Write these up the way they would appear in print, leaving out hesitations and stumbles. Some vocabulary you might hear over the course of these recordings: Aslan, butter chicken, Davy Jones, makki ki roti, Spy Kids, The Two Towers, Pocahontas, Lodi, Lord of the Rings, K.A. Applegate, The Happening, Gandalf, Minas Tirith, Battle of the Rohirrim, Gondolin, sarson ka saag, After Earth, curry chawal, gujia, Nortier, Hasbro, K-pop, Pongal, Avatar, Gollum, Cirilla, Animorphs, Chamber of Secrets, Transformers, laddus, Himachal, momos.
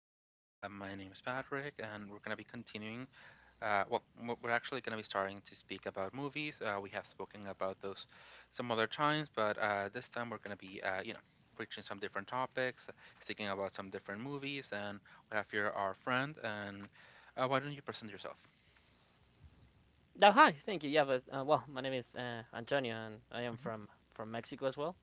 us. My name is Patrick, and we're going to be continuing. We're actually going to be starting to speak about movies. We have spoken about those some other times, but this time we're going to be, reaching some different topics, speaking about some different movies, and we have here our friend. And why don't you present yourself? Oh, hi. Thank you. Yeah, but well, my name is Antonio, and I am from Mexico as well.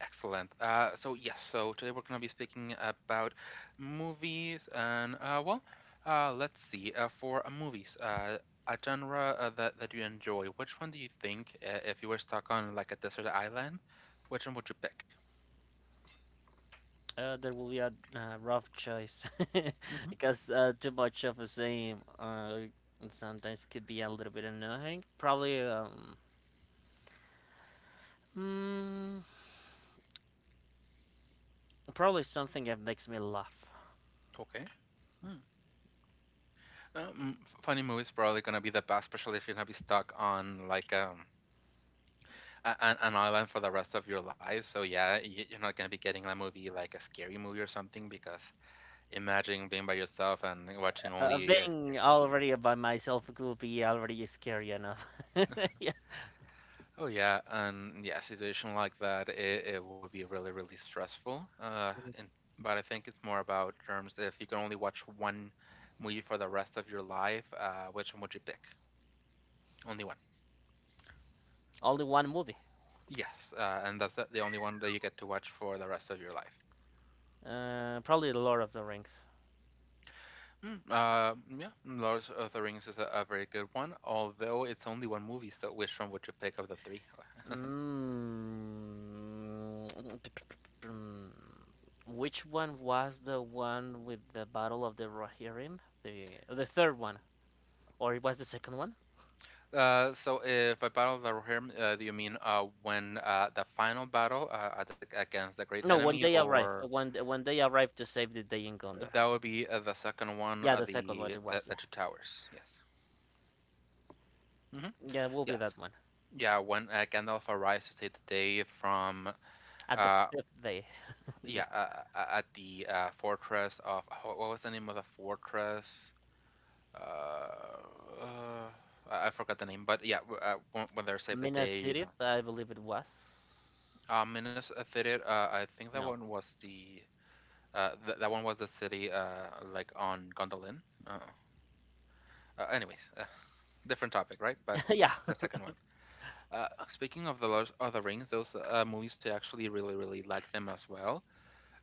Excellent. So yes, so today we're going to be speaking about movies, and let's see. For Movies, a genre that you enjoy, which one do you think, if you were stuck on like a desert island, which one would you pick? There will be a rough choice Hmm. because too much of the same sometimes could be a little bit annoying. Mm, probably something that makes me laugh. Okay. Hmm. Funny movies probably gonna be the best, especially if you're gonna be stuck on like an island for the rest of your life. So yeah, you're not gonna be getting a movie like a scary movie or something because imagine being by yourself and watching only a Being scary movie. already by myself could be already scary enough. Yeah, Oh yeah, and yeah, a situation like that, it would be really, really stressful. And but I think it's more about terms if you can only watch one movie for the rest of your life, which one would you pick? Only one. only one movie. Yes, and that's the only one that you get to watch for the rest of your life. Probably The Lord of the Rings. Yeah, Lord of the Rings is a very good one, although it's only one movie. So which one would you pick of the three? Mm, Which one was the one with the Battle of the Rohirrim? The third one, or it was the second one? So if a Battle of the Rohirrim, do you mean when the final battle against the great No, enemy, when they arrived, or uh, when when they arrived to save the day in Gondor. that would be the second one, Yeah, the second one it was. the Yeah, two towers? Yes. Hmm. yeah, it will be that Yes. one Yeah, when Gandalf arrives to save the day from at the uh fifth day. yeah Yeah, uh, at the fortress of what was the name of the fortress? Uh, uh I forgot the name, but yeah, when they save the Minas day, you know. Tirith, I believe it was. Minnesota affiliate, I think that No. one was the th that one was the city like on Gondolin. Uh, Anyways, different topic, right? But Yeah. the second one. Speaking of the Lord of the Rings, those movies I actually really really like them as well.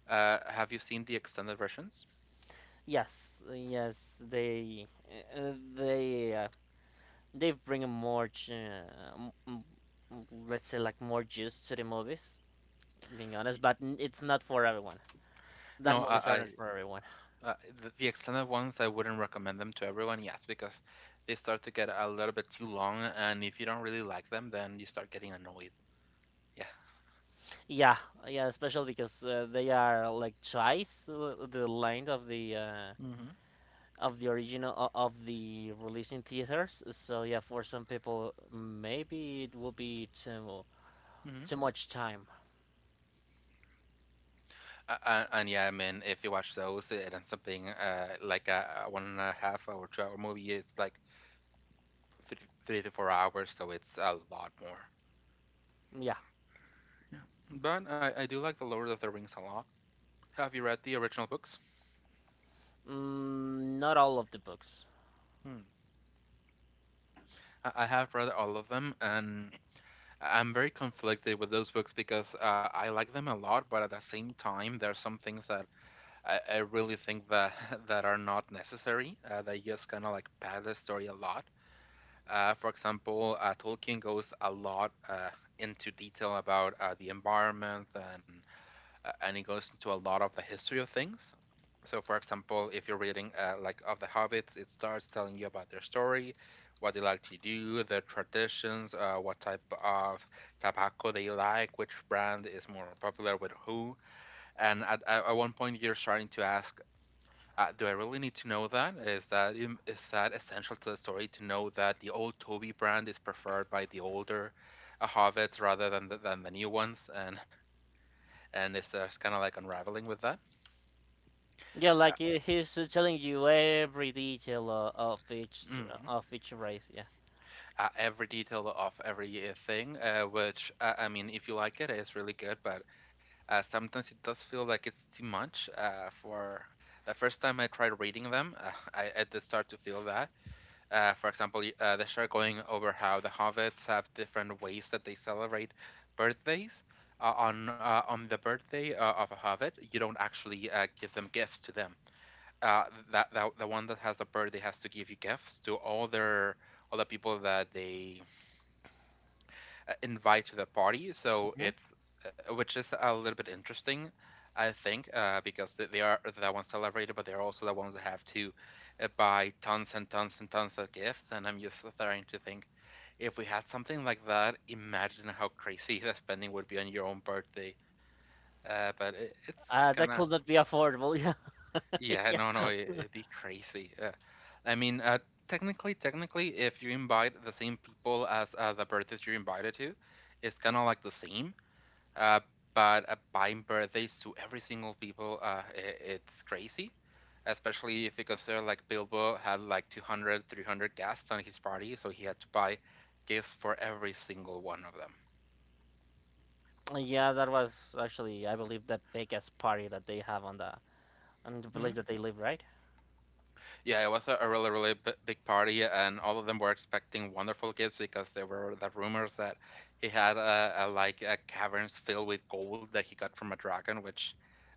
Have you seen the extended versions? Yes. Yes. Uh, They. Uh, they bring more, uh, let's say, like more juice to the movies. Being Y- honest, but it's not for everyone. No, That movies are I not for everyone. uh, the extended ones I wouldn't recommend them to everyone. Yes, because they start to get a little bit too long, and if you don't really like them, then you start getting annoyed. Yeah. Yeah, yeah, especially because they are like twice the length of the uh, Mm-hmm. of the original of the release in theaters. So yeah, for some people, maybe it will be too much time. And yeah, I mean, if you watch those, it is something like a 1.5 hour, 2 hour movie. It's like three, 3 to 4 hours, so it's a lot more. Yeah, Yeah. But I do like The Lord of the Rings a lot. Have you read the original books? Not all of the books. Hmm. I have read all of them, and I'm very conflicted with those books because I like them a lot, but at the same time, there are some things that I really think that that are not necessary. They just kind of like pad the story a lot. Tolkien goes a lot into detail about the environment and he goes into a lot of the history of things. So, for example, if you're reading like of the Hobbits, it starts telling you about their story, what they like to do, their traditions, what type of tobacco they like, which brand is more popular with who, and at one point you're starting to ask, do I really need to know that? Is that is that essential to the story to know that the old Toby brand is preferred by the older Hobbits rather than than the new ones? And it's just kind of like unraveling with that? Yeah, Uh, like he's telling you every detail of each mhm. of each race. Yeah. Every detail of every thing, which I mean, if you like it, it's really good. But sometimes it does feel like it's too much. For the first time I tried reading them, I did start to feel that. They start going over how the hobbits have different ways that they celebrate birthdays. On the birthday of a hobbit, you don't actually give them gifts to them. Uh, that the one that has a birthday has to give you gifts to all their all the people that they invite to the party. So hmm it's which is a little bit interesting, I think, because they are the ones celebrated, but they're also the ones that have to buy tons and tons and tons of gifts. And I'm just starting to think, if we had something like that, imagine how crazy the spending would be on your own birthday. But it, it's that gonna, could not be affordable. yeah, Yeah, no, yeah, no, it'd be crazy. I mean, technically, technically, if you invite the same people as the birthdays you're invited to, it's kind of like the same. Uh, but buying birthdays to every single people, I it's crazy, especially if you consider like Bilbo had like 200, 300 guests on his party, so he had to buy gifts for every single one of them. yeah. That was actually, I believe, the biggest party that they have on the Hmm. place that they live, right? Yeah, it was a really, really big party, and all of them were expecting wonderful gifts because there were the rumors that he had like caverns filled with gold that he got from a dragon, which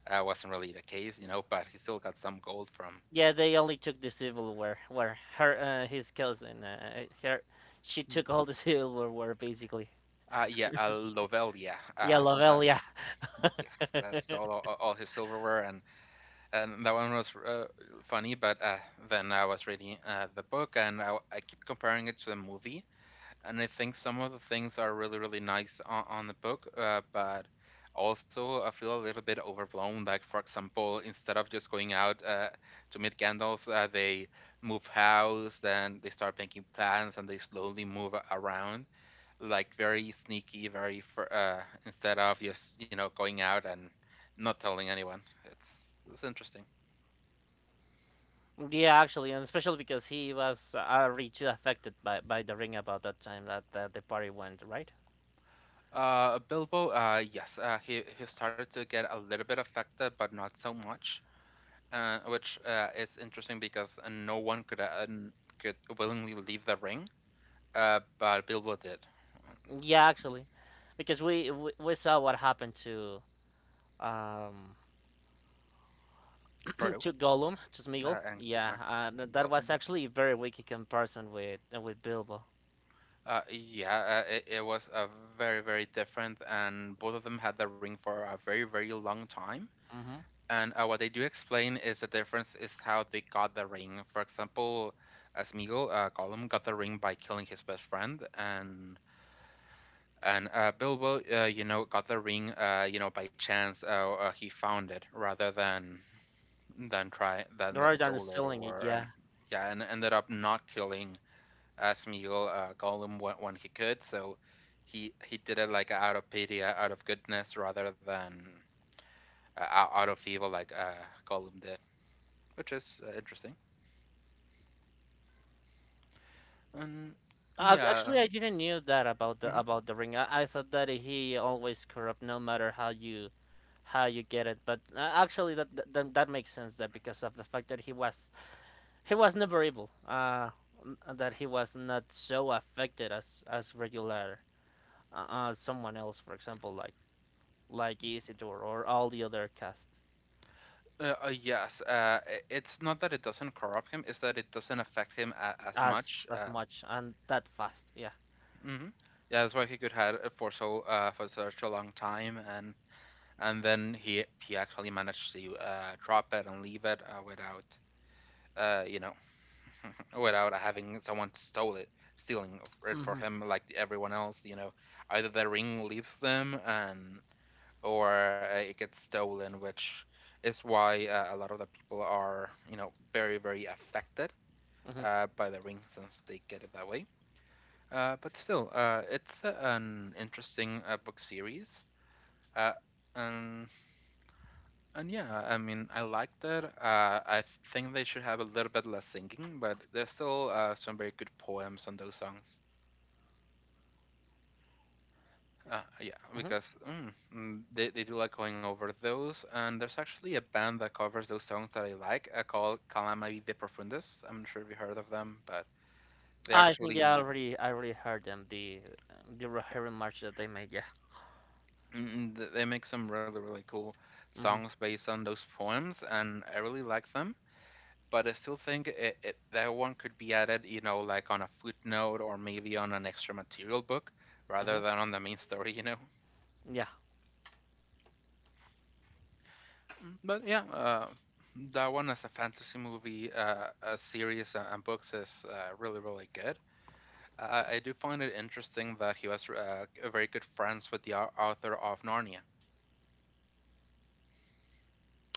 wasn't really the case, you know, but he still got some gold from. Yeah, they only took the silverware. Where his cousin, she took all the silverware basically. Yeah, Lovell, yeah. Yeah, that, Lavelle. Yeah, yes, that's all, all his silverware, and that one was funny. But then I was reading the book, and I keep comparing it to the movie, and I think some of the things are really really nice on the book, but also I feel a little bit overblown. Like for example, instead of just going out to meet Gandalf, they move house, then they start making plans, and they slowly move around like very sneaky, instead of just you know going out and not telling anyone. It's interesting. yeah. Actually, and especially because he was already too affected by the ring about that time that the party went, right? Bilbo, he started to get a little bit affected, but not so much, which is interesting because no one could could willingly leave the ring, but Bilbo did. Yeah, actually, because we saw what happened to um Frodo to Gollum, to Smeagol. And Yeah, uh, that Gollum, was yeah. actually a very weak in comparison with Bilbo. Yeah, it was very, very different, and both of them had the ring for a very, very long time. Mm-hmm. And what they do explain is the difference is how they got the ring. For example, Smeagol, Gollum got the ring by killing his best friend, and Bilbo, got the ring, by chance. He found it rather than try than the Rodan is stole it stealing it. or Yeah. and yeah, and ended up not killing Smeagol, Gollum when he could. So he did it like out of pity, out of goodness, rather than out of evil, like Gollum did, which is interesting. And yeah, Actually, I didn't knew that about the hmm. about the ring. I thought that he always corrupt, no matter how you get it. But actually, that makes sense. That because of the fact that he was never evil, that he was not so affected as regular, someone else, for example, like Isidore or all the other casts Yes, it's not that it doesn't corrupt him; it's that it doesn't affect him a as as much. as much and that fast. Yeah. hmm. Yeah, that's why he could had it for so for such a long time, and then he actually managed to drop it and leave it without uh, you know without having someone stole it stealing it for Mhm. him like everyone else. You know, either the ring leaves them and or it gets stolen, which is why a lot of the people are, you know, very, very affected Mhm. By the ring since they get it that way. But still, it's an interesting book series. Uh, and, and yeah, I mean, I liked it. I think they should have a little bit less singing, but there's still some very good poems on those songs. Yeah, Mhm. because they do like going over those, and there's actually a band that covers those songs that I like called Calamari de Profundis. I'm not sure if you heard of them, but they I think yeah, I actually already I already heard them the Rohirrim march that they made. Yeah. They make some really really cool Mhm. songs based on those poems, and I really like them. But I still think that one could be added, like on a footnote or maybe on an extra material book rather Mhm. than on the main story. Yeah. But yeah, that one as a fantasy movie, a series, and books is really, really good. I do find it interesting that he was very good friends with the author of Narnia.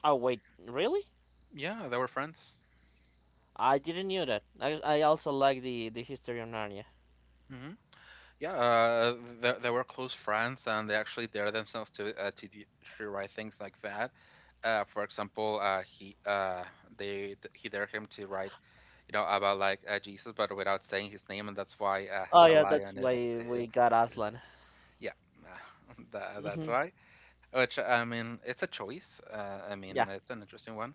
Oh wait, really? Yeah, they were friends. I didn't knew that. I also like the history of Narnia. Hmm. Yeah, they were close friends, and they actually dared themselves to to write things like that. For example, he dared him to write, about like Jesus, but without saying his name, and that's why Oh the yeah, that's lion is why we it's. got Aslan. Yeah, that's Hmm. why. Which I mean, it's a choice. I mean, Yeah, it's an interesting one.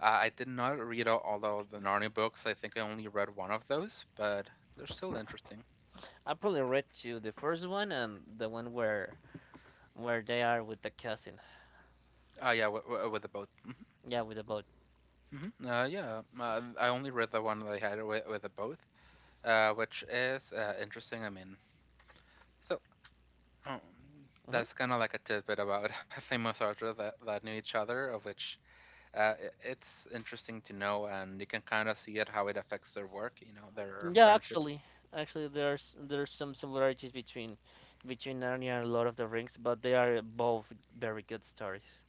I did not read all of the Narnia books. I think I only read one of those, but they're still interesting. I probably read to the first one and the one where they are with the cousin. Oh yeah, with the both. Hmm. Yeah, with the boat. Hmm. Yeah, I only read the one that I had with the both, which is interesting. I mean, so um, Mm-hmm. that's kind of like a tidbit about famous authors that knew each other, of which it's interesting to know, and you can kind of see it how it affects their work, their Yeah, friendships. actually, there's some similarities between Narnia and Lord of the Rings, but they are both very good stories.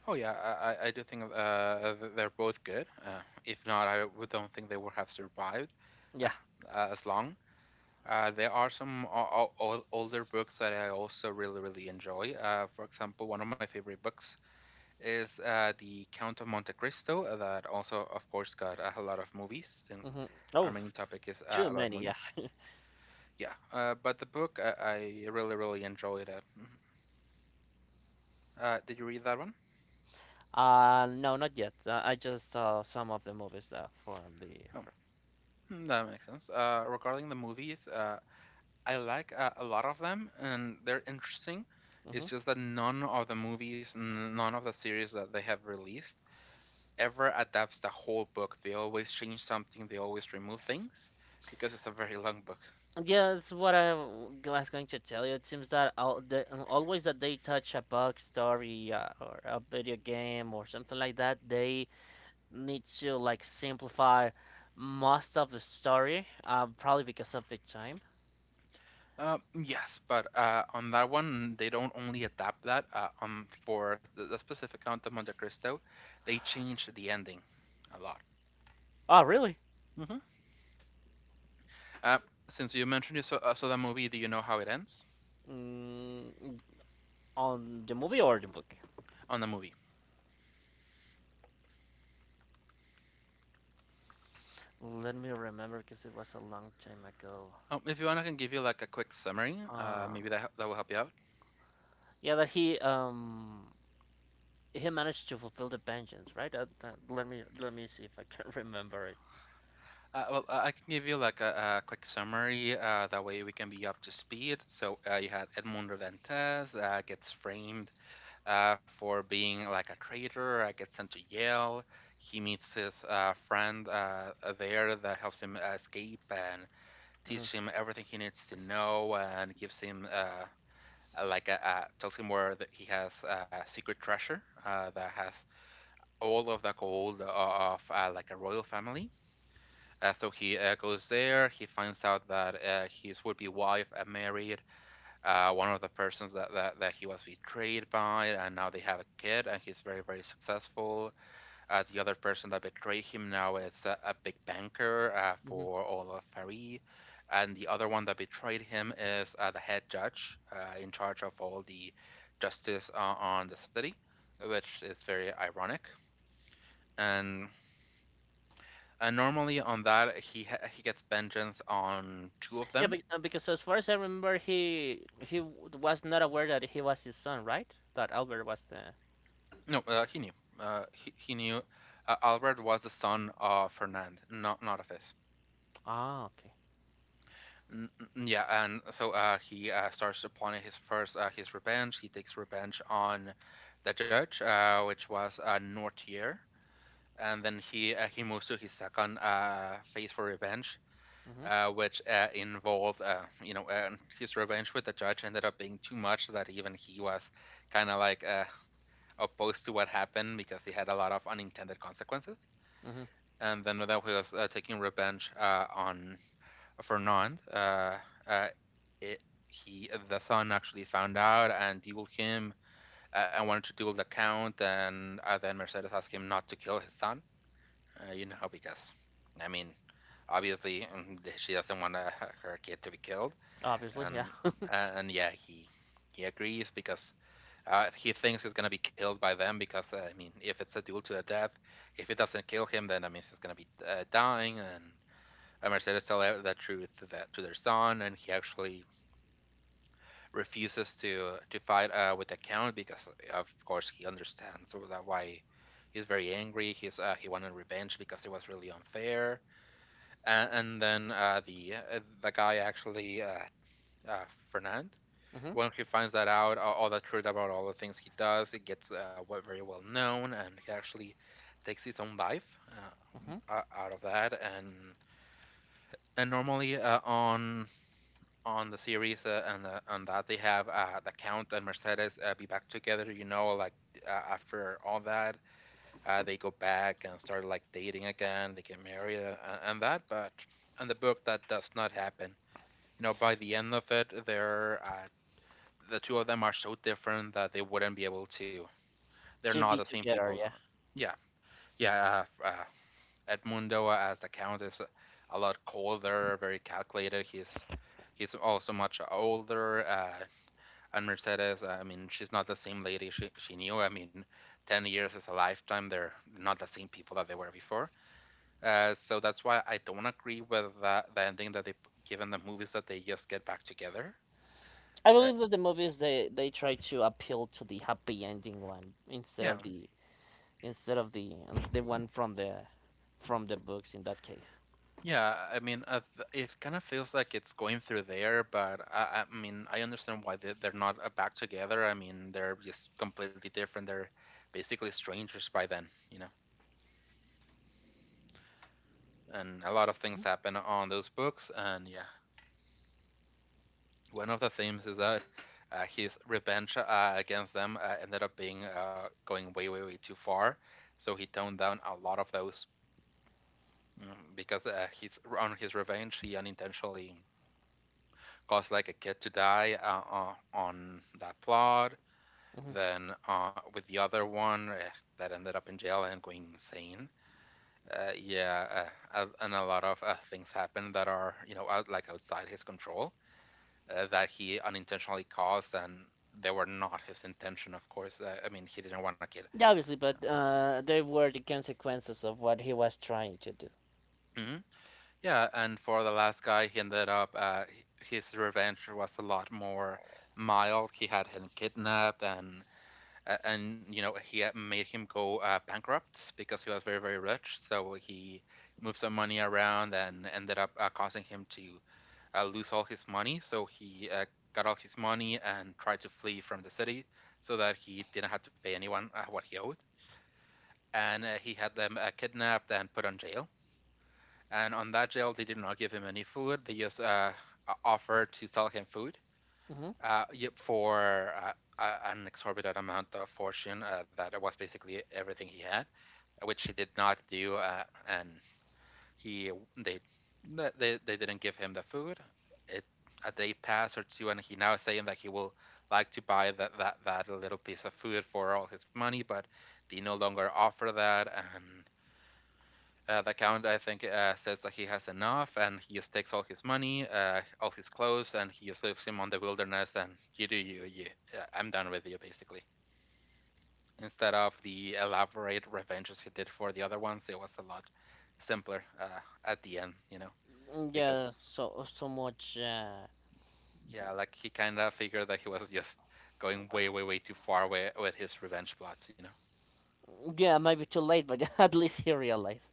Oh yeah, I do think they're both good. If not, I don't think they would have survived Yeah. as long. There are some older books that I also really really enjoy. For example, one of my favorite books is The Count of Monte Cristo, that also of course got a lot of movies since Mm-hmm. our Oh, main topic is too about many. movies. Yeah. Yeah, but the book I really really enjoyed it. Mhm. Did you read that one? No, not yet. I just saw some of the movies that form the. Oh, hmm, that makes sense. Regarding the movies, I like a lot of them and they're interesting. It's Mm-hmm. just that none of the movies, none of the series that they have released ever adapts the whole book. They always change something. They always remove things because it's a very long book. Yeah, that's what I was going to tell you. It seems that always that they touch a book story or a video game or something like that, they need to like simplify most of the story, probably because of the time. Yes, but on that one, they don't only adapt that. For the specific Count of Monte Cristo, they change the ending a lot. Oh, really? Hmm. Uh, since you mentioned you saw that movie, do you know how it ends Mm, on the movie or the book? on the movie? Let me remember because it was a long time ago. If you want, I can give you like a quick summary. Uh, Maybe that that will help you out. yeah, that he managed to fulfill the vengeance, right? Let me see if I can remember it. Well, I can give you like a quick summary. That way we can be up to speed. So you had Edmundo Dantes gets framed for being like a traitor. I get sent to Yale. He meets his friend there that helps him escape and Hmm. teach him everything he needs to know and gives him like tells him where that he has a secret treasure that has all of the gold of like a royal family. So he goes there. He finds out that his would-be wife married one of the persons that he was betrayed by, and now they have a kid, and he's very, very successful. The other person that betrayed him now is a big banker Hmm. for all of Paris. And the other one that betrayed him is the head judge in charge of all the justice on the city, which is very ironic. And, and normally on that, he gets vengeance on two of Yeah, them. Because as far as I remember, he was not aware that he was his son, right? That Albert was the. No, he knew. He knew Albert was the son of Fernand, not of his. Ah, okay. N- yeah, and so he starts upon his first his revenge. He takes revenge on the judge, which was Nortier, and then he moves to his second phase for revenge, Mm-hmm. Which involved his revenge with the judge ended up being too much that even he was kind of like opposed to what happened because he had a lot of unintended consequences. And then that was taking revenge on Fernand. Uh, it, he, the son, actually found out and dueled him and wanted to duel the count. And then Mercedes asked him not to kill his son, because I mean, obviously she doesn't want her kid to be killed. Obviously, yeah. And and yeah, he agrees because he thinks he's gonna be killed by them because I mean, if it's a duel to the death, if it doesn't kill him, then I mean he's gonna be dying and Mercedes tell out the truth to their son, and he actually refuses to fight with the count because, of course, he understands that why he's very angry. He wanted revenge because it was really unfair. And then the guy actually uh, Fernand, Hmm. when he finds that out, all the truth about all the things he does, it gets very well known, and he actually takes his own life Hmm. uh, out of that. And normally on the series and that they have the Count and Mercedes be back together. Like after all that, they go back and start like dating again. They get married and that, but in the book that does not happen. By the end of it, the two of them are so different that they wouldn't be able to. They're To not the be same people. together, yeah. Yeah, yeah. Edmundo as the Count is a lot colder, very calculated. He's also much older. And Mercedes, I mean, she's not the same lady she knew. I mean, 10 years is a lifetime. They're not the same people that they were before. So that's why I don't agree with that, the ending that they given the movies that they just get back together. I Uh, believe that the movies, they try to appeal to the happy ending one instead yeah. of the the one from the books in that case. Yeah, I mean, it kind of feels like it's going through there, but I mean, I understand why they're not back together. I mean, they're just completely different. They're basically strangers by then. And a lot of things happen on those books, and yeah, one of the themes is that his revenge against them ended up being going way, way, way too far. So he toned down a lot of those mm, because he's on his revenge. He unintentionally caused like a kid to die on that plot. Hmm. Then with the other one that ended up in jail and going insane. Yeah, and a lot of things happen that are you know out like outside his control. That he unintentionally caused, and they were not his intention, of course. I mean, he didn't want to kill. Yeah, obviously, but there were the consequences of what he was trying to do. Hmm. Yeah, and for the last guy, he ended up his revenge was a lot more mild. He had him kidnapped, and and he had made him go bankrupt because he was very very rich. So he moved some money around and ended up causing him to lose all his money. So he got all his money and tried to flee from the city so that he didn't have to pay anyone what he owed. And he had them kidnapped and put on jail. And on that jail, they did not give him any food. They just offered to sell him food Hmm. uh, for an exorbitant amount of fortune that was basically everything he had, which he did not do. And He they they didn't give him the food. It a day passed or two, and he now is saying that he will like to buy that little piece of food for all his money, but they no longer offer that. And the count I think says that he has enough, and he just takes all his money, all his clothes, and he just leaves him on the wilderness. And you do you, you. I'm done with you, basically. Instead of the elaborate revenges he did for the other ones, it was a lot simpler at the end, you know, Mm, because. yeah, so much. Yeah, like he kind of figured that he was just going way, way, way too far away with his revenge plots, you know? Yeah, maybe too late, but at least he realized.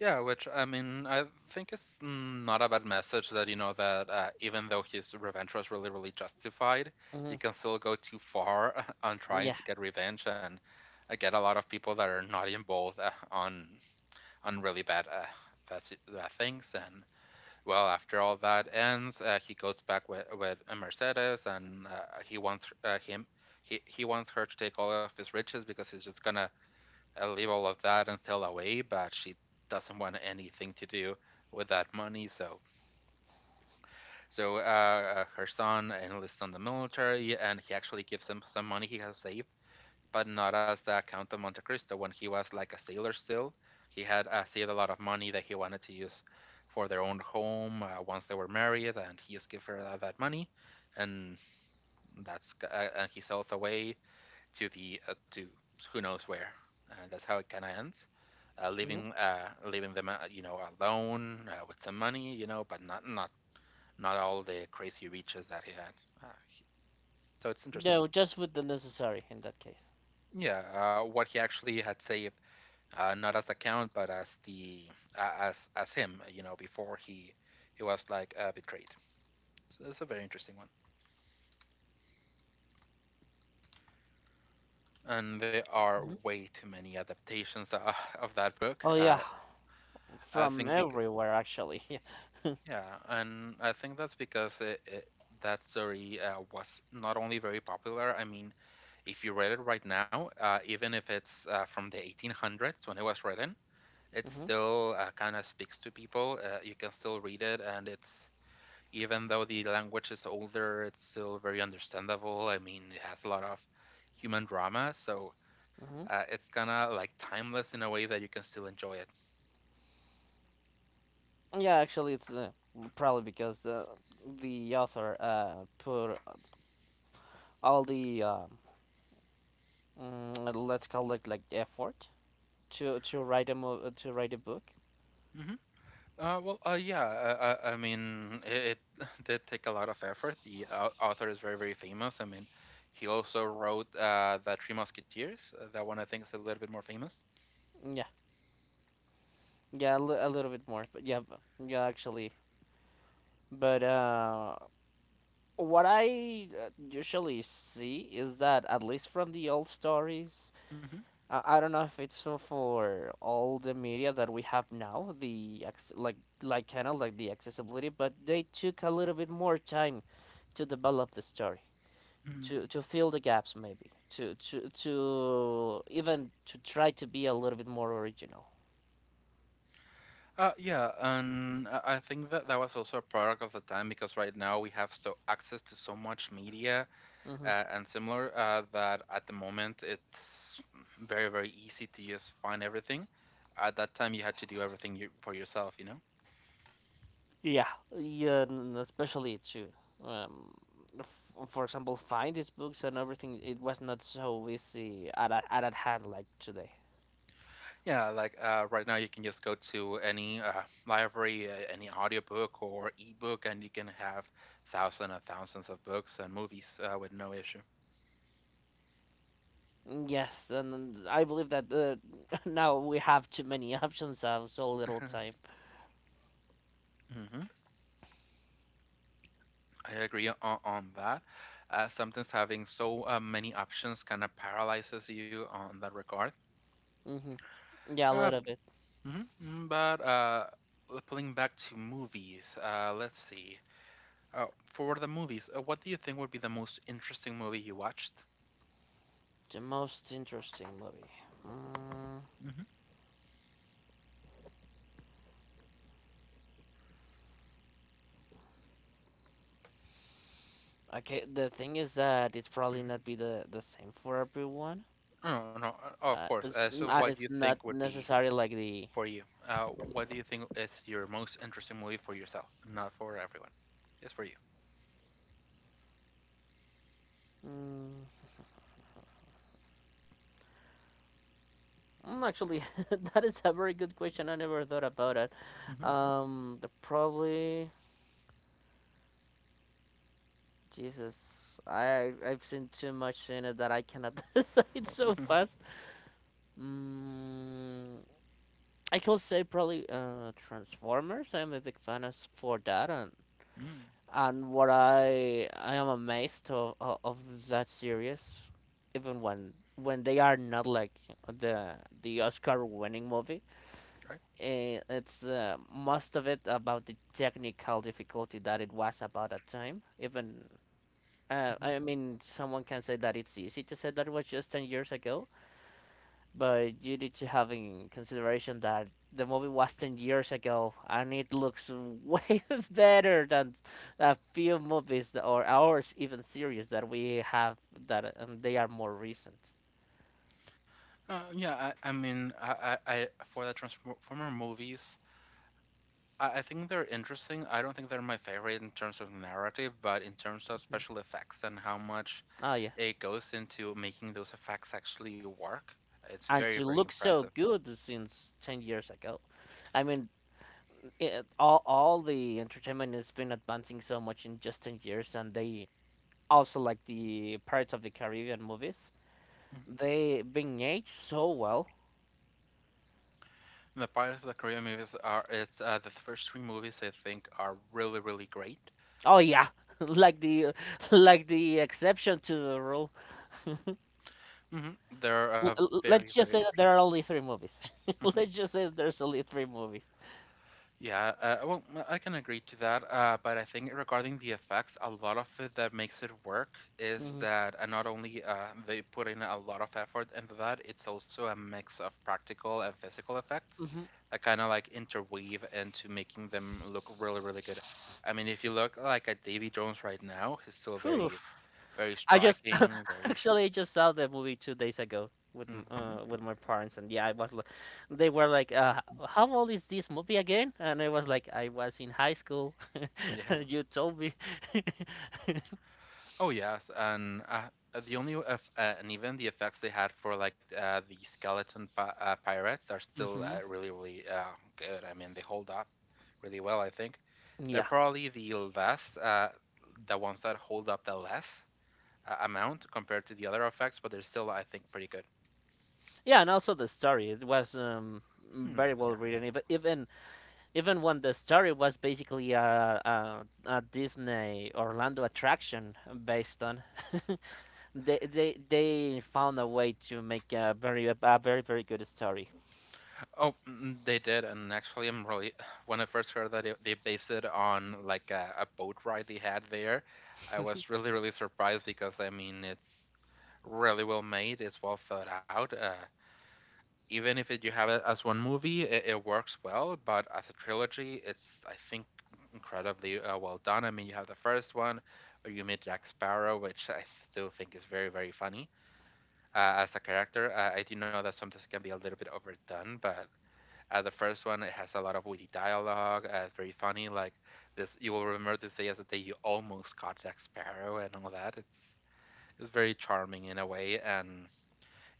Yeah, which, I mean, I think it's not a bad message that, you know, that even though his revenge was really, really justified, Hmm. you can still go too far on trying Yeah. to get revenge and get a lot of people that are not involved on really bad things. And well, after all that ends, he goes back with Mercedes, and he wants he wants her to take all of his riches because he's just gonna leave all of that and sail away. But she doesn't want anything to do with that money. So her son enlists on the military, and he actually gives him some money he has saved, but not as the Count of Monte Cristo. When he was like a sailor still, he had saved a lot of money that he wanted to use for their own home once they were married, and he just gave her that money, and that's and he sells away to the to who knows where. That's how it kind of ends. Hmm. Leaving them you know, alone with some money, you know, but not not all the crazy riches that he had. uh, he, so it's interesting, No, just with the necessary in that case. yeah, what he actually had saved, not as the count, but as the as him. You know, before he was like betrayed. So that's a very interesting one. And there are Hmm. way too many adaptations of that book. Oh yeah, I from think because everywhere actually. Yeah. Yeah, and I think that's because that story was not only very popular. I mean, if you read it right now, even if it's from the 1800s when it was written, it still kind of speaks to people. You can still read it, and it's even though the language is older, it's still very understandable. I mean, it has a lot of human drama, so Hmm. Hmm. It's kind of like timeless in a way that you can still enjoy it. Yeah, actually, it's, probably because the author put all the, let's call it like effort, to write a book. Hmm. Yeah, I mean, it did take a lot of effort. The author is very, very famous. I mean, he also wrote The Three Musketeers. That one I think is a little bit more famous. Yeah, yeah, a little bit more, but yeah, yeah, actually, but what I usually see is that at least from the old stories, Hmm. I don't know if it's so for all the media that we have now, like kind of like the accessibility, but they took a little bit more time to develop the story, Hmm. to fill the gaps maybe, to even to try to be a little bit more original. Yeah, and I think that was also a product of the time, because right now we have so access to so much media Hmm. And similar that at the moment it's very, very easy to just find everything. At that time, you had to do everything you, for yourself, you know. Yeah, yeah, and especially to, um, for example, find these books and everything. It was not so easy at a, at at hand like today. Yeah, like right now you can just go to any library, any audiobook or ebook, and you can have thousands and thousands of books and movies with no issue. Yes, and I believe that now we have too many options, so little time. Hmm. I agree on that. Sometimes having so many options kind of paralyzes you on that regard. Hmm. Yeah, a Uh, little bit. Mm-hmm. But pulling back to movies, let's see. Uh, for the movies, what do you think would be the most interesting movie you watched? The most interesting movie. Mm, Mm-hmm. okay, the thing is that it's probably not be the same for everyone. Oh, no, oh, of course. It's, So, and what do you it's not think would be necessarily like the. for you? What do you think is your most interesting movie for yourself, not for everyone, just for you? Mm, Actually, that is a very good question. I never thought about it. Mm-hmm. The Probably Jesus. I've seen too much in it that I cannot decide so Mm-hmm. fast. Mm, I could say probably, Transformers. I'm a big fan as for that, and what I am amazed of that series, even when they are not like the the Oscar winning movie. Right. It's, most of it about the technical difficulty that it was about that time. Even I mean, someone can say that it's easy to say that it was just 10 years ago, but you need to have in consideration that the movie was 10 years ago and it looks way better than a few movies or ours even series that we have that and they are more recent. Yeah, I mean, I for the Transformer movies, I think they're interesting. I don't think they're my favorite in terms of narrative, but in terms of special effects and how much Oh yeah, it goes into making those effects actually work, it's and very, to very look so impressive. good since 10 years ago, I mean, all the entertainment has been advancing so much in just 10 years, and they also like the Pirates of the Caribbean movies. Mhm. They being aged so well. The Pirates of the Caribbean movies are it's the first three movies I think are really, really great. Oh yeah, like the like the exception to the rule. Hmm. They're very, Let's just very say that there are only three movies. interesting. Let's just say that there's only three movies. Yeah, well, I can agree to that. But I think regarding the effects, a lot of it that makes it work is Hmm. that not only they put in a lot of effort into that, it's also a mix of practical and physical effects Hmm. that kind of like interweave into making them look really, really good. I mean, if you look like at Davy Jones right now, he's still Whew. very, very I just striking, very. Actually, I just saw the movie 2 days ago with Hmm. With my parents, and yeah, I was like, they were like, How old is this movie again?" And I was like, "I was in high school. You told me." Oh yes, and the only eff and even the effects they had for like the skeleton pi pirates are still Hmm. Really, really good. I mean, they hold up really well, I think. They're Yeah, probably the less the ones that hold up the less amount compared to the other effects, but they're still, I think, pretty good. yeah, and also the story it was, Hmm. very Yeah. well written. Even when the story was basically a Disney Orlando attraction based on, they found a way to make a very very good story. Oh, mm, they did, and actually, I'm really when I first heard that they based it on like a boat ride they had there, I was really, really surprised because I mean it's really well made. It's well thought out. Even if it, you have it as one movie, it works well. But as a trilogy, it's I think incredibly well done. I mean, you have the first one where you meet Jack Sparrow, which I still think is very, very funny as a character. I do know that sometimes it can be a little bit overdone, but the first one, it has a lot of witty dialogue. It's very funny. Like this, you will remember this day as the day you almost caught Jack Sparrow and all that. It's very charming in a way. And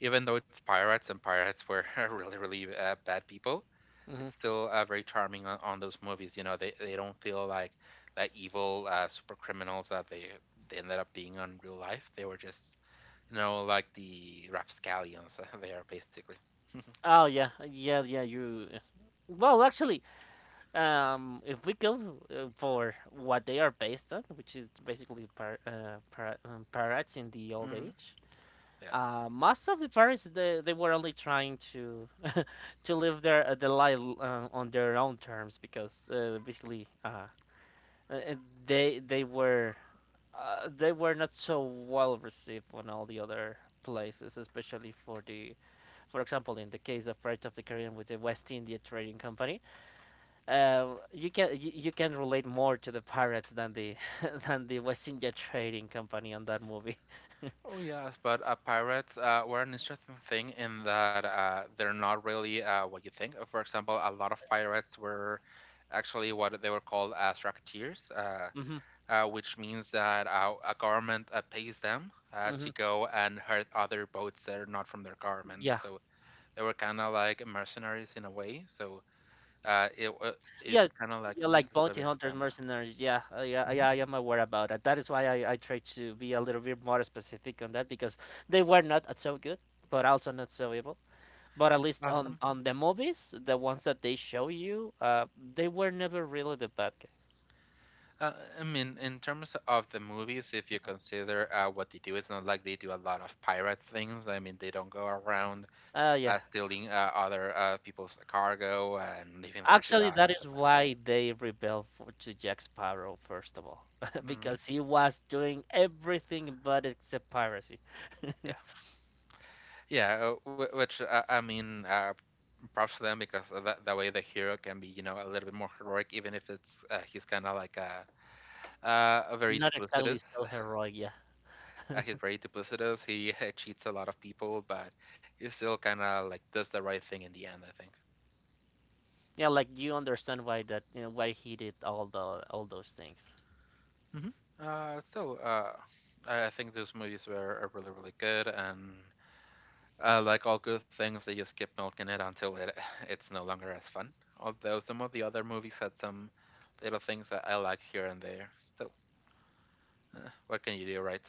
even though it's pirates and pirates were really, really bad people, Hmm. it's still very charming on those movies. You know, they don't feel like that evil super criminals that they ended up being on real life. They were just, you know, like the rapscallions they are basically. Oh yeah, yeah, yeah. You. Well, actually, if we go for what they are based on, which is basically pirates in the old Hmm. age, Yeah. Most of the parents, they were only trying to to live their life on their own terms because basically, uh, uh, they they were they were not so well received on all the other places, especially for the for example in the case of Flight of the Caribbean with the West India Trading Company. You can relate more to the pirates than the than the West India Trading Company on that movie. Oh yes, but pirates were an interesting thing, in that they're not really what you think. For example, a lot of pirates were actually what they were called, as racketeers, Hmm. Which means that a government pays them Hmm. to go and hurt other boats that are not from their government. Yeah. So they were kind of like mercenaries in a way. So uh, it wa- it Yeah, kind of like yeah, like loses a bounty little bit of hunters, grammar. mercenaries. Yeah, yeah, Hmm. yeah. I am aware about that. That is why I try to be a little bit more specific on that because they were not, so good, but also not so evil. But at least Awesome. on the movies, the ones that they show you, they were never really the bad guys. Uh, I mean, in terms of the movies, if you consider what they do, it's not like they do a lot of pirate things. I mean, they don't go around Yeah. stealing other people's cargo and leaving them to Actually, die that and is stuff like that. why they rebelled to Jack Sparrow first of all, Hmm. because he was doing everything but except piracy. Yeah, which I mean, props to them because of that, that way the hero can be, you know, a little bit more heroic, even if it's he's kind of like a very Not exactly duplicitous. so heroic, yeah. He's very duplicitous. He cheats a lot of people, but he still kind of like does the right thing in the end, I think. Yeah, like you understand why why he did all those things. Hmm. So I think those movies were really, really good. And like all good things, they just keep milking it until it it's no longer as fun. Although some of the other movies had some little things that I liked here and there. Still, what can you do, right?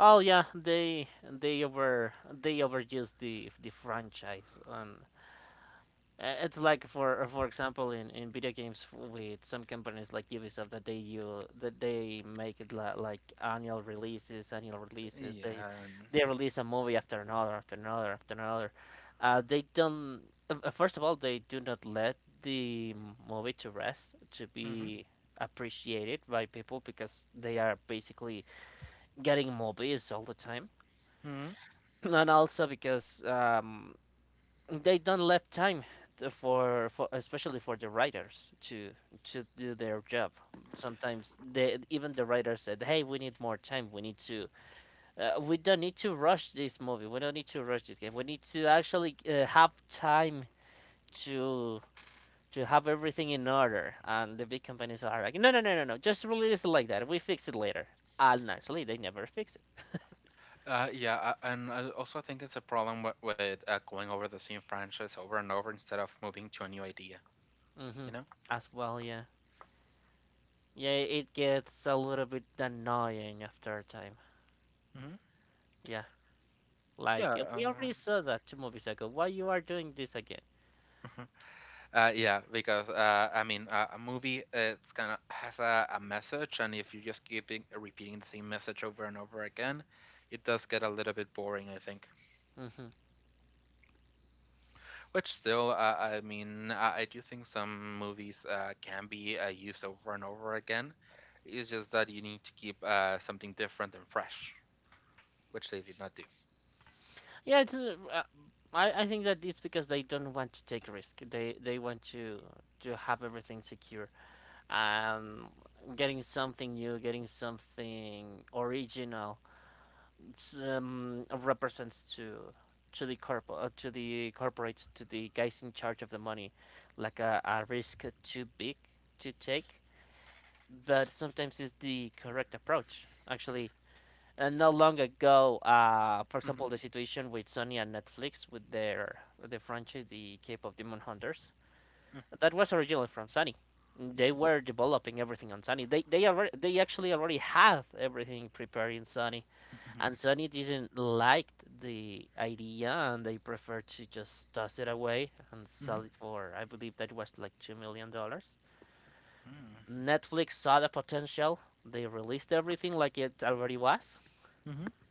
Oh yeah, they over they overused the franchise. And It's like for example in video games with some companies like Ubisoft that they you that they make it like annual releases, annual releases. Yeah. They And, they release a movie after another, after another, after another. They don't. First of all, they do not let the movie to rest to hmm. be appreciated by people because they are basically getting movies all the time, Hmm. and also because they don't left time for especially for the writers to do their job. Sometimes they even the writers said, "Hey, we need more time. We need to we don't need to rush this movie. We don't need to rush this game. We need to actually have time to to have everything in order." And the big companies are like, "No, no, no, no, no. Just release it like that. We fix it later." And actually, they never fix it. Yeah, and I also think it's a problem with, with going over the same franchise over and over instead of moving to a new idea. Mhm. You know? As well, yeah. Yeah, it gets a little bit annoying after a time. Hmm. Yeah. Like Yeah. We already saw that two movies ago. Why you are doing this again? Uh, yeah, because I mean, a movie it's kind of has a message, and if you just keep repeating the same message over and over again, it does get a little bit boring, I think. Hmm Which still, I mean, I do think some movies can be used over and over again. It's just that you need to keep something different and fresh, which they did not do. Yeah, it's. I think that it's because they don't want to take risk. They want to have everything secure. Um, Getting something new, getting something original, represents to the corp to the corporates, to the guys in charge of the money, like a risk too big to take. But sometimes it's the correct approach. Actually, and not long ago, for example, Hmm. the situation with Sony and Netflix with their the franchise, the Cape of Demon Hunters, that was originally from Sony. Yeah. They were developing everything on Sony. They actually already had everything prepared in Sony, Hmm. and Sony didn't like the idea, and they preferred to just toss it away and Hmm. sell it for I believe that was like $2 million. Hmm. Netflix saw the potential. They released everything like it already was, Hmm.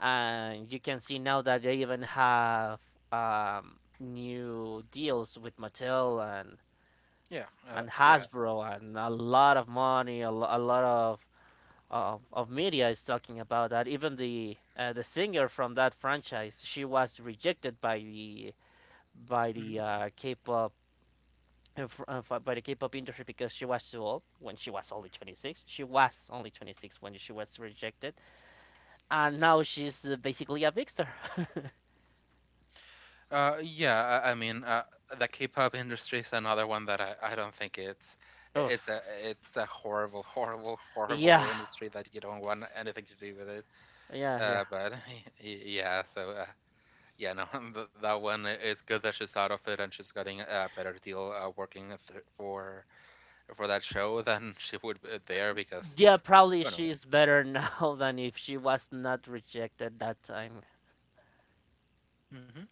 and you can see now that they even have new deals with Mattel and Yeah. Yeah. Hasbro, and a lot of money, a lot of, of media is talking about that. Even the singer from that franchise, she was rejected by the K-pop industry because she was too old when she was only 26. She was only 26 when she was rejected, and now she's basically a big star. Yeah, I mean, the K-pop industry is another one that I don't think Oof. it's a horrible, horrible, horrible Yeah, industry that you don't want anything to do with it. yeah, yeah. But Yeah, so yeah, no, that one it's good that she's out of it and she's getting a better deal working for that show than she would be there, because Yeah, probably you know. she's better now than if she was not rejected that time. Hmm.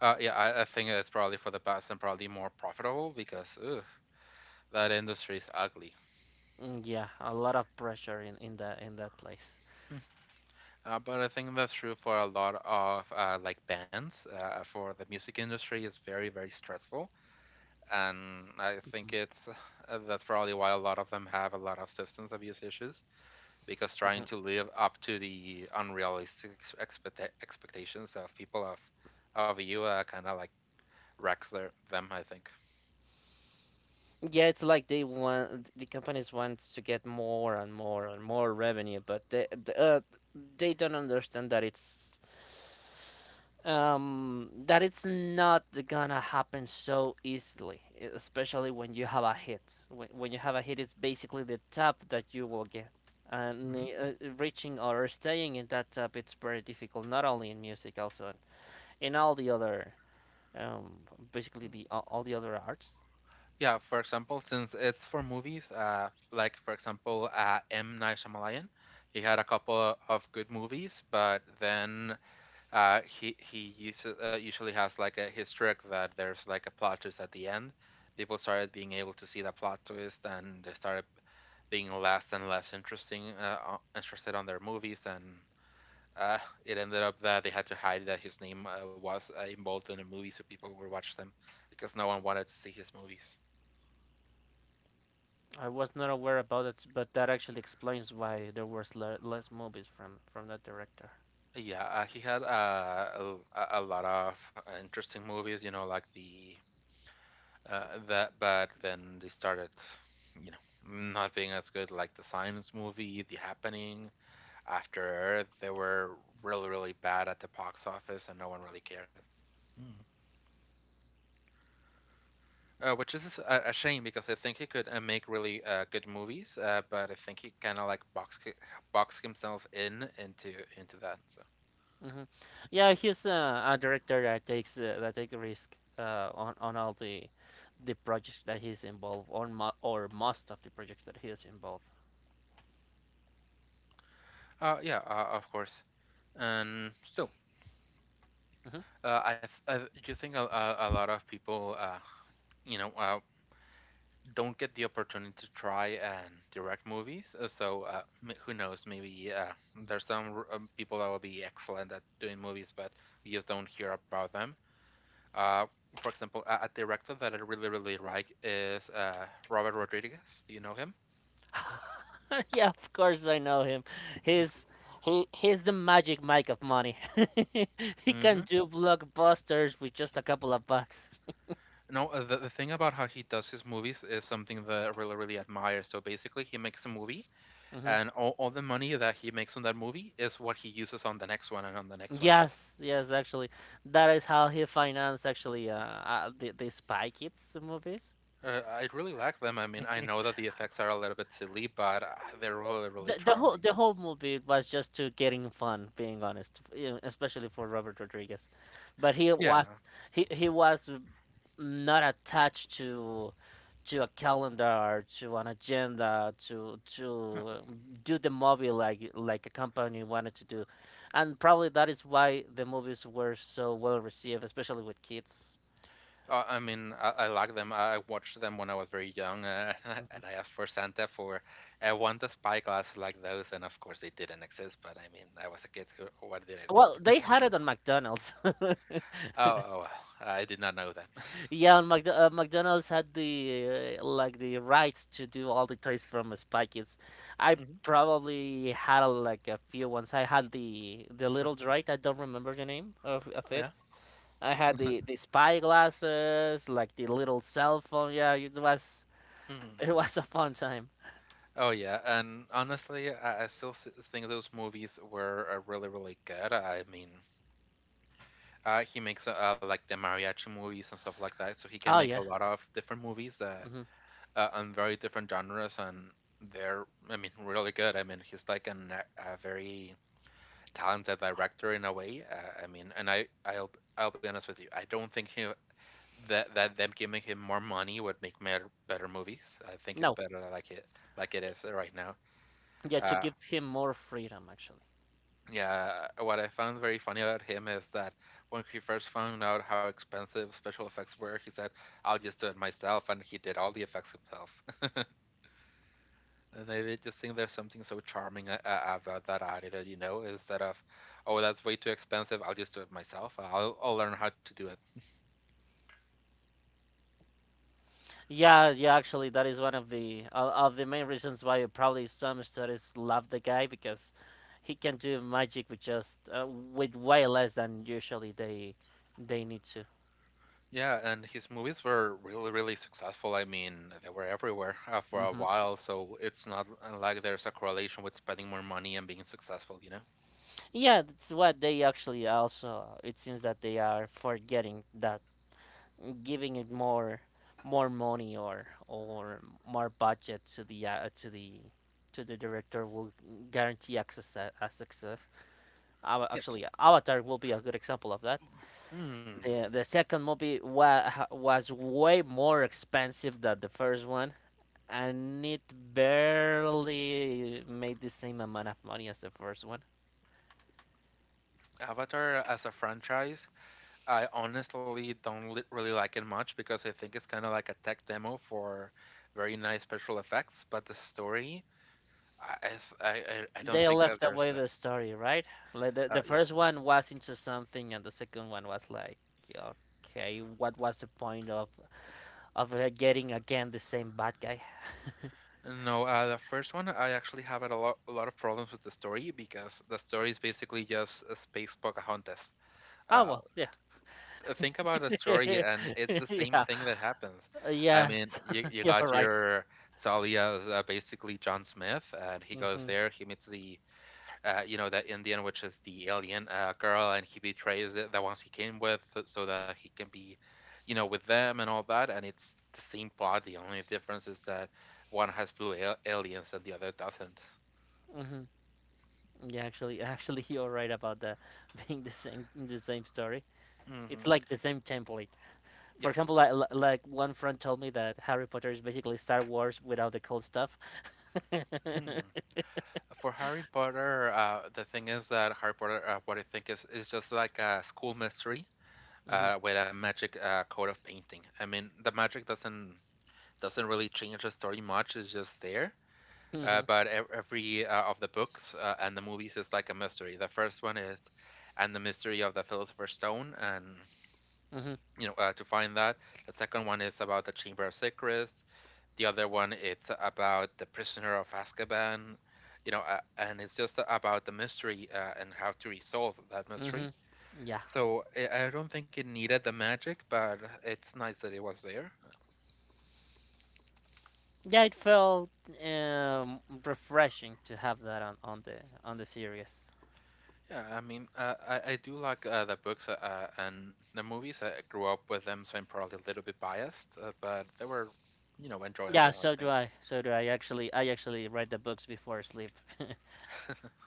Yeah, I think it's probably for the best and probably more profitable, because ugh, that industry is ugly. Mm, yeah, a lot of pressure in that place. But I think that's true for a lot of like bands. For the music industry, is very stressful, and I think Mhm, it's that's probably why a lot of them have a lot of substance abuse issues because trying mhm. to live up to the unrealistic expectations of people of you kind of like wrecks their them. I think. Yeah, it's like they want the companies want to get more and more and more revenue, but they don't understand that it's not gonna happen so easily, especially when you have a hit. When you have a hit, it's basically the top that you will get, and Hmm. Reaching or staying in that top, it's very difficult, not only in music, also in all the other um basically all the other arts. Yeah, for example, since it's for movies, like for example, M. Night Shyamalan, he had a couple of good movies, but then he usually has like a his trick that there's like a plot twist at the end. People started being able to see the plot twist, and they started being less and less interested on their movies, and uh, it ended up that they had to hide that his name was involved in a movie so people would watch them because no one wanted to see his movies. I was not aware about it, but that actually explains why there was less movies from that director. Yeah, he had a lot of interesting movies, you know, like the, but then they started, you know, not being as good, like the Science movie, The Happening, After Earth. They were really, really bad at the box office, and no one really cared. Hmm. Which is a shame because I think he could make really good movies, but I think he kind of like box himself in into that. So, Hmm Yeah, he's a director that takes that take risk on all the projects that he's involved on, or most of the projects that he is involved. Yeah, of course. And so, Hmm Uh, I, I do think a lot of people, you know, uh, don't get the opportunity to try and direct movies. So who knows? Maybe there's people that will be excellent at doing movies, but we just don't hear about them. Uh, for example, a director that I really, really like is Robert Rodriguez. Do you know him? yeah, of course I know him. He's he's the magic Mike of money. he can Mm-hmm. do blockbusters with just a couple of bucks. No, the thing about how he does his movies is something that I really, really admire. So basically, he makes a movie Hmm and all the money that he makes on that movie is what he uses on the next one and on the next one. Yes, yes, actually, that is how he financed actually the Spy Kids movies. I really like them. I mean, I know that the effects are a little bit silly, but they're really, really the the whole charming. the whole movie was just to getting fun, being honest, you know, especially for Robert Rodriguez, but Yeah, he was not attached to a calendar or to an agenda no. to do the movie like a company wanted to do, and probably that is why the movies were so well received, especially with kids. I mean, I like them. I watched them when I was very young, Mhm. and I asked for Santa for I want the spyglass like those, and of course they didn't exist. But I mean, I was a kid. Who, what did I know? Well, they had it on McDonald's. Oh, oh well, I did not know that. Yeah, and Mc McDonald's had the like the rights to do all the toys from Spy Kids. I Mhm. probably had like a few ones. I had the little droid. I don't remember the name of it. Yeah. I had the spy glasses, like the little cell phone. Yeah, it was Hmm. it was a fun time. Oh yeah, and honestly, I think those movies were really, really good. I mean, he makes like the mariachi movies and stuff like that, so he can Oh make a yeah. lot of different movies that hmm on very different genres, and they're, I mean, really good. I mean, he's like a very talented director in a way. I mean, and I'll be honest with you, I don't think he. That them giving him more money would make better movies. I think it's No, better like it is right now. yeah, to Uh, give him more freedom actually. Yeah, what I found very funny about him is that when he first found out how expensive special effects were, he said, "I'll just do it myself," and he did all the effects himself. And I did just think there's something so charming about that attitude, you know, instead of, "Oh, that's way too expensive. I'll just do it myself. I'll learn how to do it." Yeah, yeah, actually, that is one of the of the main reasons why probably some studies love the guy because he can do magic with just with way less than usually they need to. Yeah, and his movies were really, really successful. I mean, they were everywhere for a Hmm while, so it's not like there's a correlation with spending more money and being successful, you know? Yeah, that's what they actually also. It seems that they are forgetting that giving it more money or more budget to the director will guarantee access a success. Yes. Actually, Avatar will be a good example of that. Hmm. The second movie was way more expensive than the first one, and it barely made the same amount of money as the first one. Avatar as a franchise, I honestly don't really like it much because I think it's kind of like a tech demo for very nice special effects, but the story, I th- I don't They think that left there's away a the story, right? Like the yeah. first one was into something and the second one was like, okay, what was the point of getting again the same bad guy? No, the first one I actually have had a lot of problems with the story because the story is basically just a space Pocahontas. oh Uh, well, yeah. Think about the story and it's the same yeah. thing that happens. I mean, yes, you you're got right. your Salia, basically John Smith, and he goes hmm there, he meets the you know, that Indian, which is the alien girl, and he betrays the ones he came with, so that he can be, you know, with them and all that, and it's the same plot. The only difference is that one has blue aliens and the other doesn't. hmm Yeah, actually, actually, you're right about that, being the same story. Hmm. It's like the same template. For example, like one friend told me that Harry Potter is basically Star Wars without the cool stuff. Yeah. hmm For Harry Potter, the thing is that Harry Potter, what I think is just like a school mystery with a magic coat of painting. I mean, the magic doesn't really change the story much. It's just there. Hmm But every of the books and the movies is like a mystery. The first one is, and the mystery of the Philosopher's Stone, and hmm you know, to find that. The second one is about the Chamber of Secrets. The other one it's about the Prisoner of Azkaban, you know, and it's just about the mystery and how to resolve that mystery. hmm Yeah, So I don't think it needed the magic, but it's nice that it was there. yeah, it felt um, refreshing to have that on the series. Yeah, I mean, I do like the books and the movies. I grew up with them, so I'm probably a little bit biased, but they were, you know, Yeah, enjoyable. I so think. do I. So do I. Actually, I actually read the books before sleep.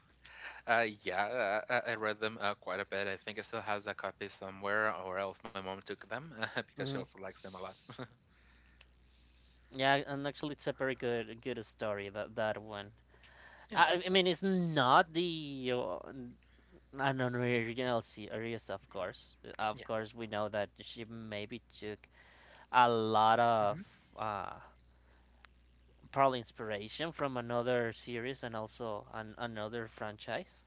Yeah, I read them quite a bit. I think I still have the copy somewhere, or else my mom took them because she hmm also likes them a lot. Yeah, and actually, it's a very good story, that one. Yeah, I mean, it's not the an original series, of course. Of yeah. course, we know that she maybe took a lot of Hmm. uh, probably inspiration from another series and also another franchise.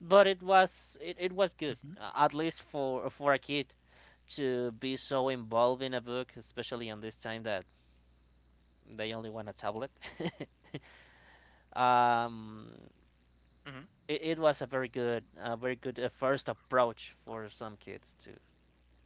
But it was good, Hmm. At least for a kid to be so involved in a book, especially on this time that they only want a tablet. um, Hmm. It, it was a very good, very good first approach for some kids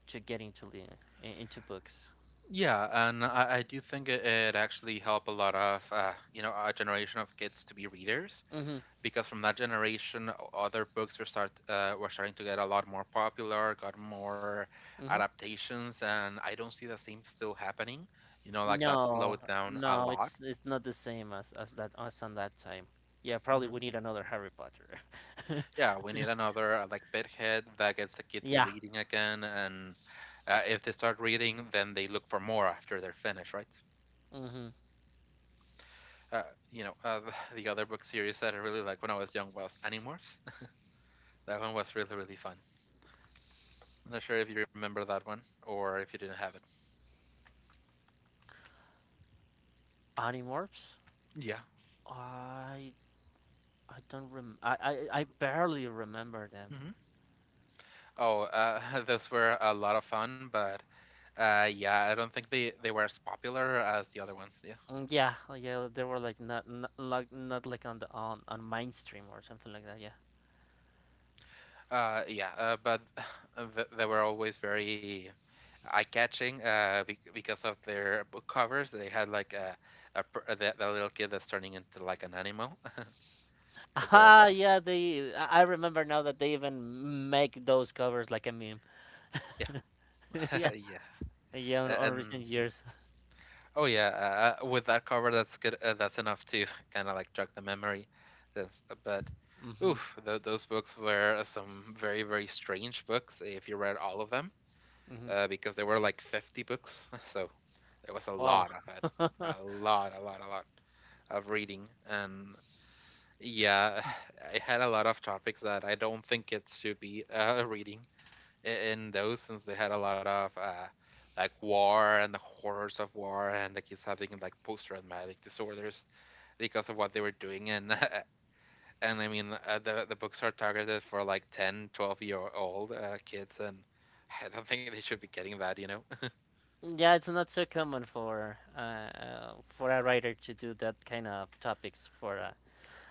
to get into the into books. Yeah, and I do think it actually helped a lot of, you know, our generation of kids to be readers Mhm. because from that generation, other books were start were starting to get a lot more popular, got more Mhm. adaptations, and I don't see the same still happening. You know, like that No, slowed down a no, lot. it's not the same as that as on that time. Yeah, probably Hmm. we need another Harry Potter. Yeah, we need another like bedhead that gets the kids Yeah. reading again, and if they start reading, then they look for more after they're finished, right? Mhm. Uh, you know, the other book series that I really liked when I was young was Animorphs. That one was really, really fun. I'm not sure if you remember that one or if you didn't have it. Animorphs? Yeah. I I don't rem I, I, I barely remember them. Mm-hmm. Oh, those were a lot of fun, but yeah, I don't think they were as popular as the other ones. Yeah. Mm, yeah, yeah, they were like not, not like on the on mainstream or something like that. Yeah. Yeah, but they were always very eye-catching because of their book covers. They had like the little kid that's turning into like an animal. So they're, Ah, yeah, they. I remember now that they even make those covers like a meme. yeah, yeah, yeah. yeah, A- on and recent years. Oh yeah, with that cover, that's good. That's enough to kind of like jog the memory. That's, uh, but, Mm-hmm, oof, those books were some very strange books, eh, if you read all of them, mm-hmm. Because there were like 50 books, so there was a Wow. lot of a lot, a lot, a lot of reading, and yeah, I had a lot of topics that I don't think it should be reading in those since they had a lot of like war and the horrors of war and the kids having like post-traumatic disorders because of what they were doing and and I mean the books are targeted for like 10, 12 year old kids and I don't think they should be getting that, you know. yeah, it's not so common for a writer to do that kind of topics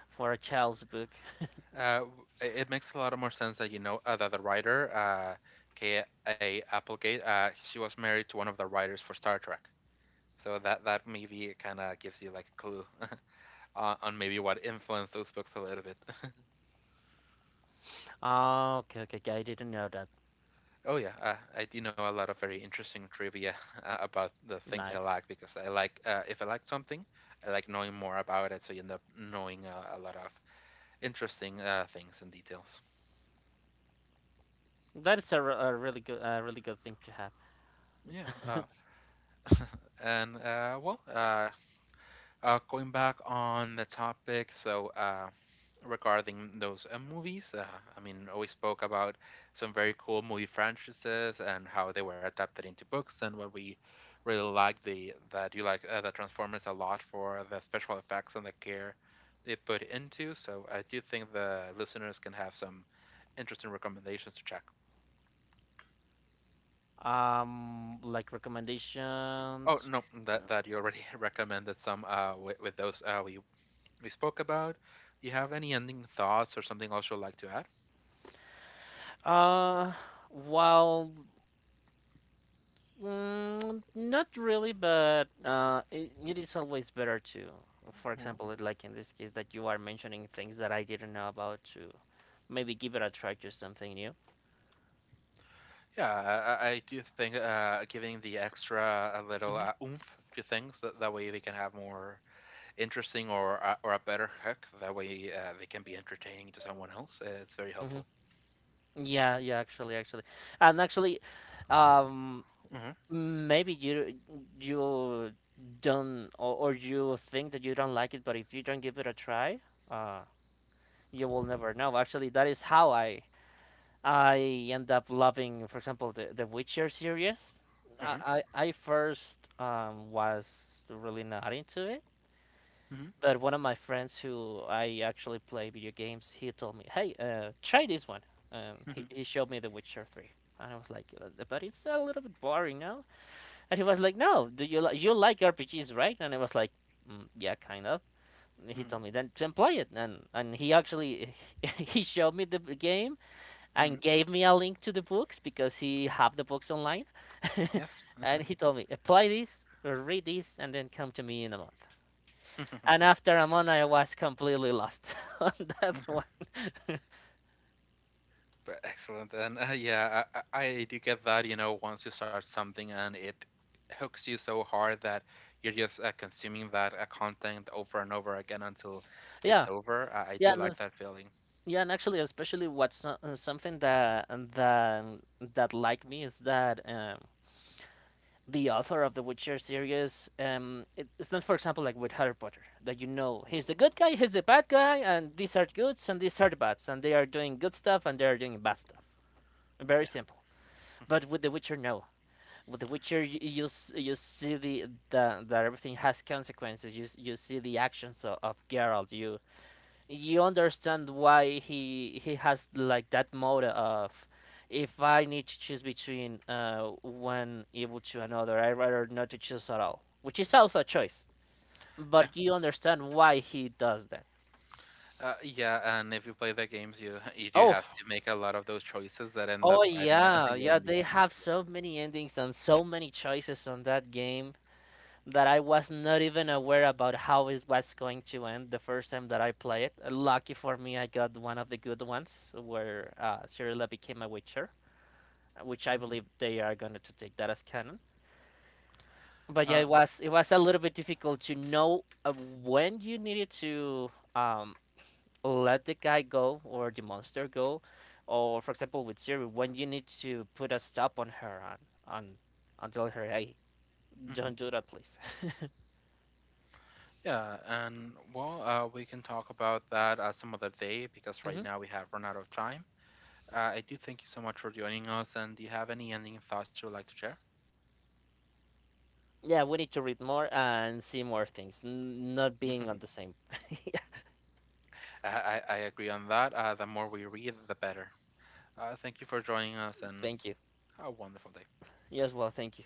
for a child's book. uh, w- it it makes a lot of more sense that, you know, that the writer K.A. Applegate, she was married to one of the writers for Star Trek, so that that maybe kind of gives you like a clue on maybe what influenced those books a little bit. Oh, okay, okay, okay. I didn't know that. Oh yeah, I do know a lot of very interesting trivia about the things I Nice. like because I like if I like something, I like knowing more about it, so you end up knowing a lot of interesting things and details. That is a, a really good thing to have. Yeah, and going back on the topic, so regarding those movies. I mean, we spoke about some very cool movie franchises and how they were adapted into books, and what we really like the that you like the Transformers a lot for the special effects and the care they put into. So I do think the listeners can have some interesting recommendations to check. Like Oh recommendations. no, that that you already recommended some with those we spoke about. Do you have any ending thoughts or something else you'd like to add? Uh, well, mm, not really, but it, it is always better to, for example, like in this case that you are mentioning things that I didn't know about, to maybe give it a try to something new. Yeah, I do think giving the extra a little Mhm. Oomph to things that, that way they can have more interesting or a better hook. That way they can be entertaining to someone else. It's very hmm helpful. Yeah, yeah, actually, actually, and actually, um, Mm-hmm. maybe you don't, or you think that you don't like it, but if you don't give it a try, uh, you will never know. Actually, that is how I end up loving, for example, the Witcher series. Mm-hmm. I first was really not into it, Mm-hmm. but one of my friends who I actually play video games, he told me, "Hey, try this one." He showed me The Witcher 3, and I was like, but it's a little bit boring, now." And he was like, "No, do you you like RPGs, right?" And I was like, mm, "Yeah, kind of." He Mm-hmm. told me, "Then play it," and he actually he showed me the game and Mm-hmm. gave me a link to the books because he had the books online. Yes. and he told me, apply this or read this and then come to me in a month. And after a month, I was completely lost on that one. But excellent. And yeah, I do get that. You know, once you start something and it hooks you so hard that you're just consuming that content over and over again until it's yeah, over. I yeah, do and like that feeling. Yeah. yeah, and actually, especially something that that like me is that the author of the Witcher series, it's not, for example, like with Harry Potter, that you know he's the good guy, he's the bad guy, and these are goods and these are the bads, and they are doing good stuff and they are doing bad stuff. Very simple. Mhm. But with The Witcher, no. With The Witcher, you see the that everything has consequences. You see the actions of Geralt. You understand why he has like that mode of, if I need to choose between one evil to another, I'd rather not to choose at all, which is also a choice. Yeah, But you understand why he does that. Yeah, and if you play the games, you you do Oh, have to make a lot of those choices that end oh up biting yeah, you yeah. on the They ass. have Yeah. so many endings and so many choices on that game that I was not even aware about how it was going to end the first time that I play it. Lucky for me, I got one of the good ones where Cirilla became a witcher, which I Mhm. believe they are going to take that as canon. But Uh, yeah, it was a little bit difficult to know when you needed to um, let the guy go or the monster go, or for example with Siri, when you need to put a stop on her on, on tell her, hey, mhm. don't do that, please. Yeah, and well, we can talk about that some other day because right hmm now we have run out of time. I do thank you so much for joining us, and do you have any ending thoughts you would like to share? Yeah, we need to read more and see more things, not Mhm. being on the same. Yeah, I agree on that. The more we read, the better. Thank you for joining us, and thank you. a wonderful day. Yes, well, thank you.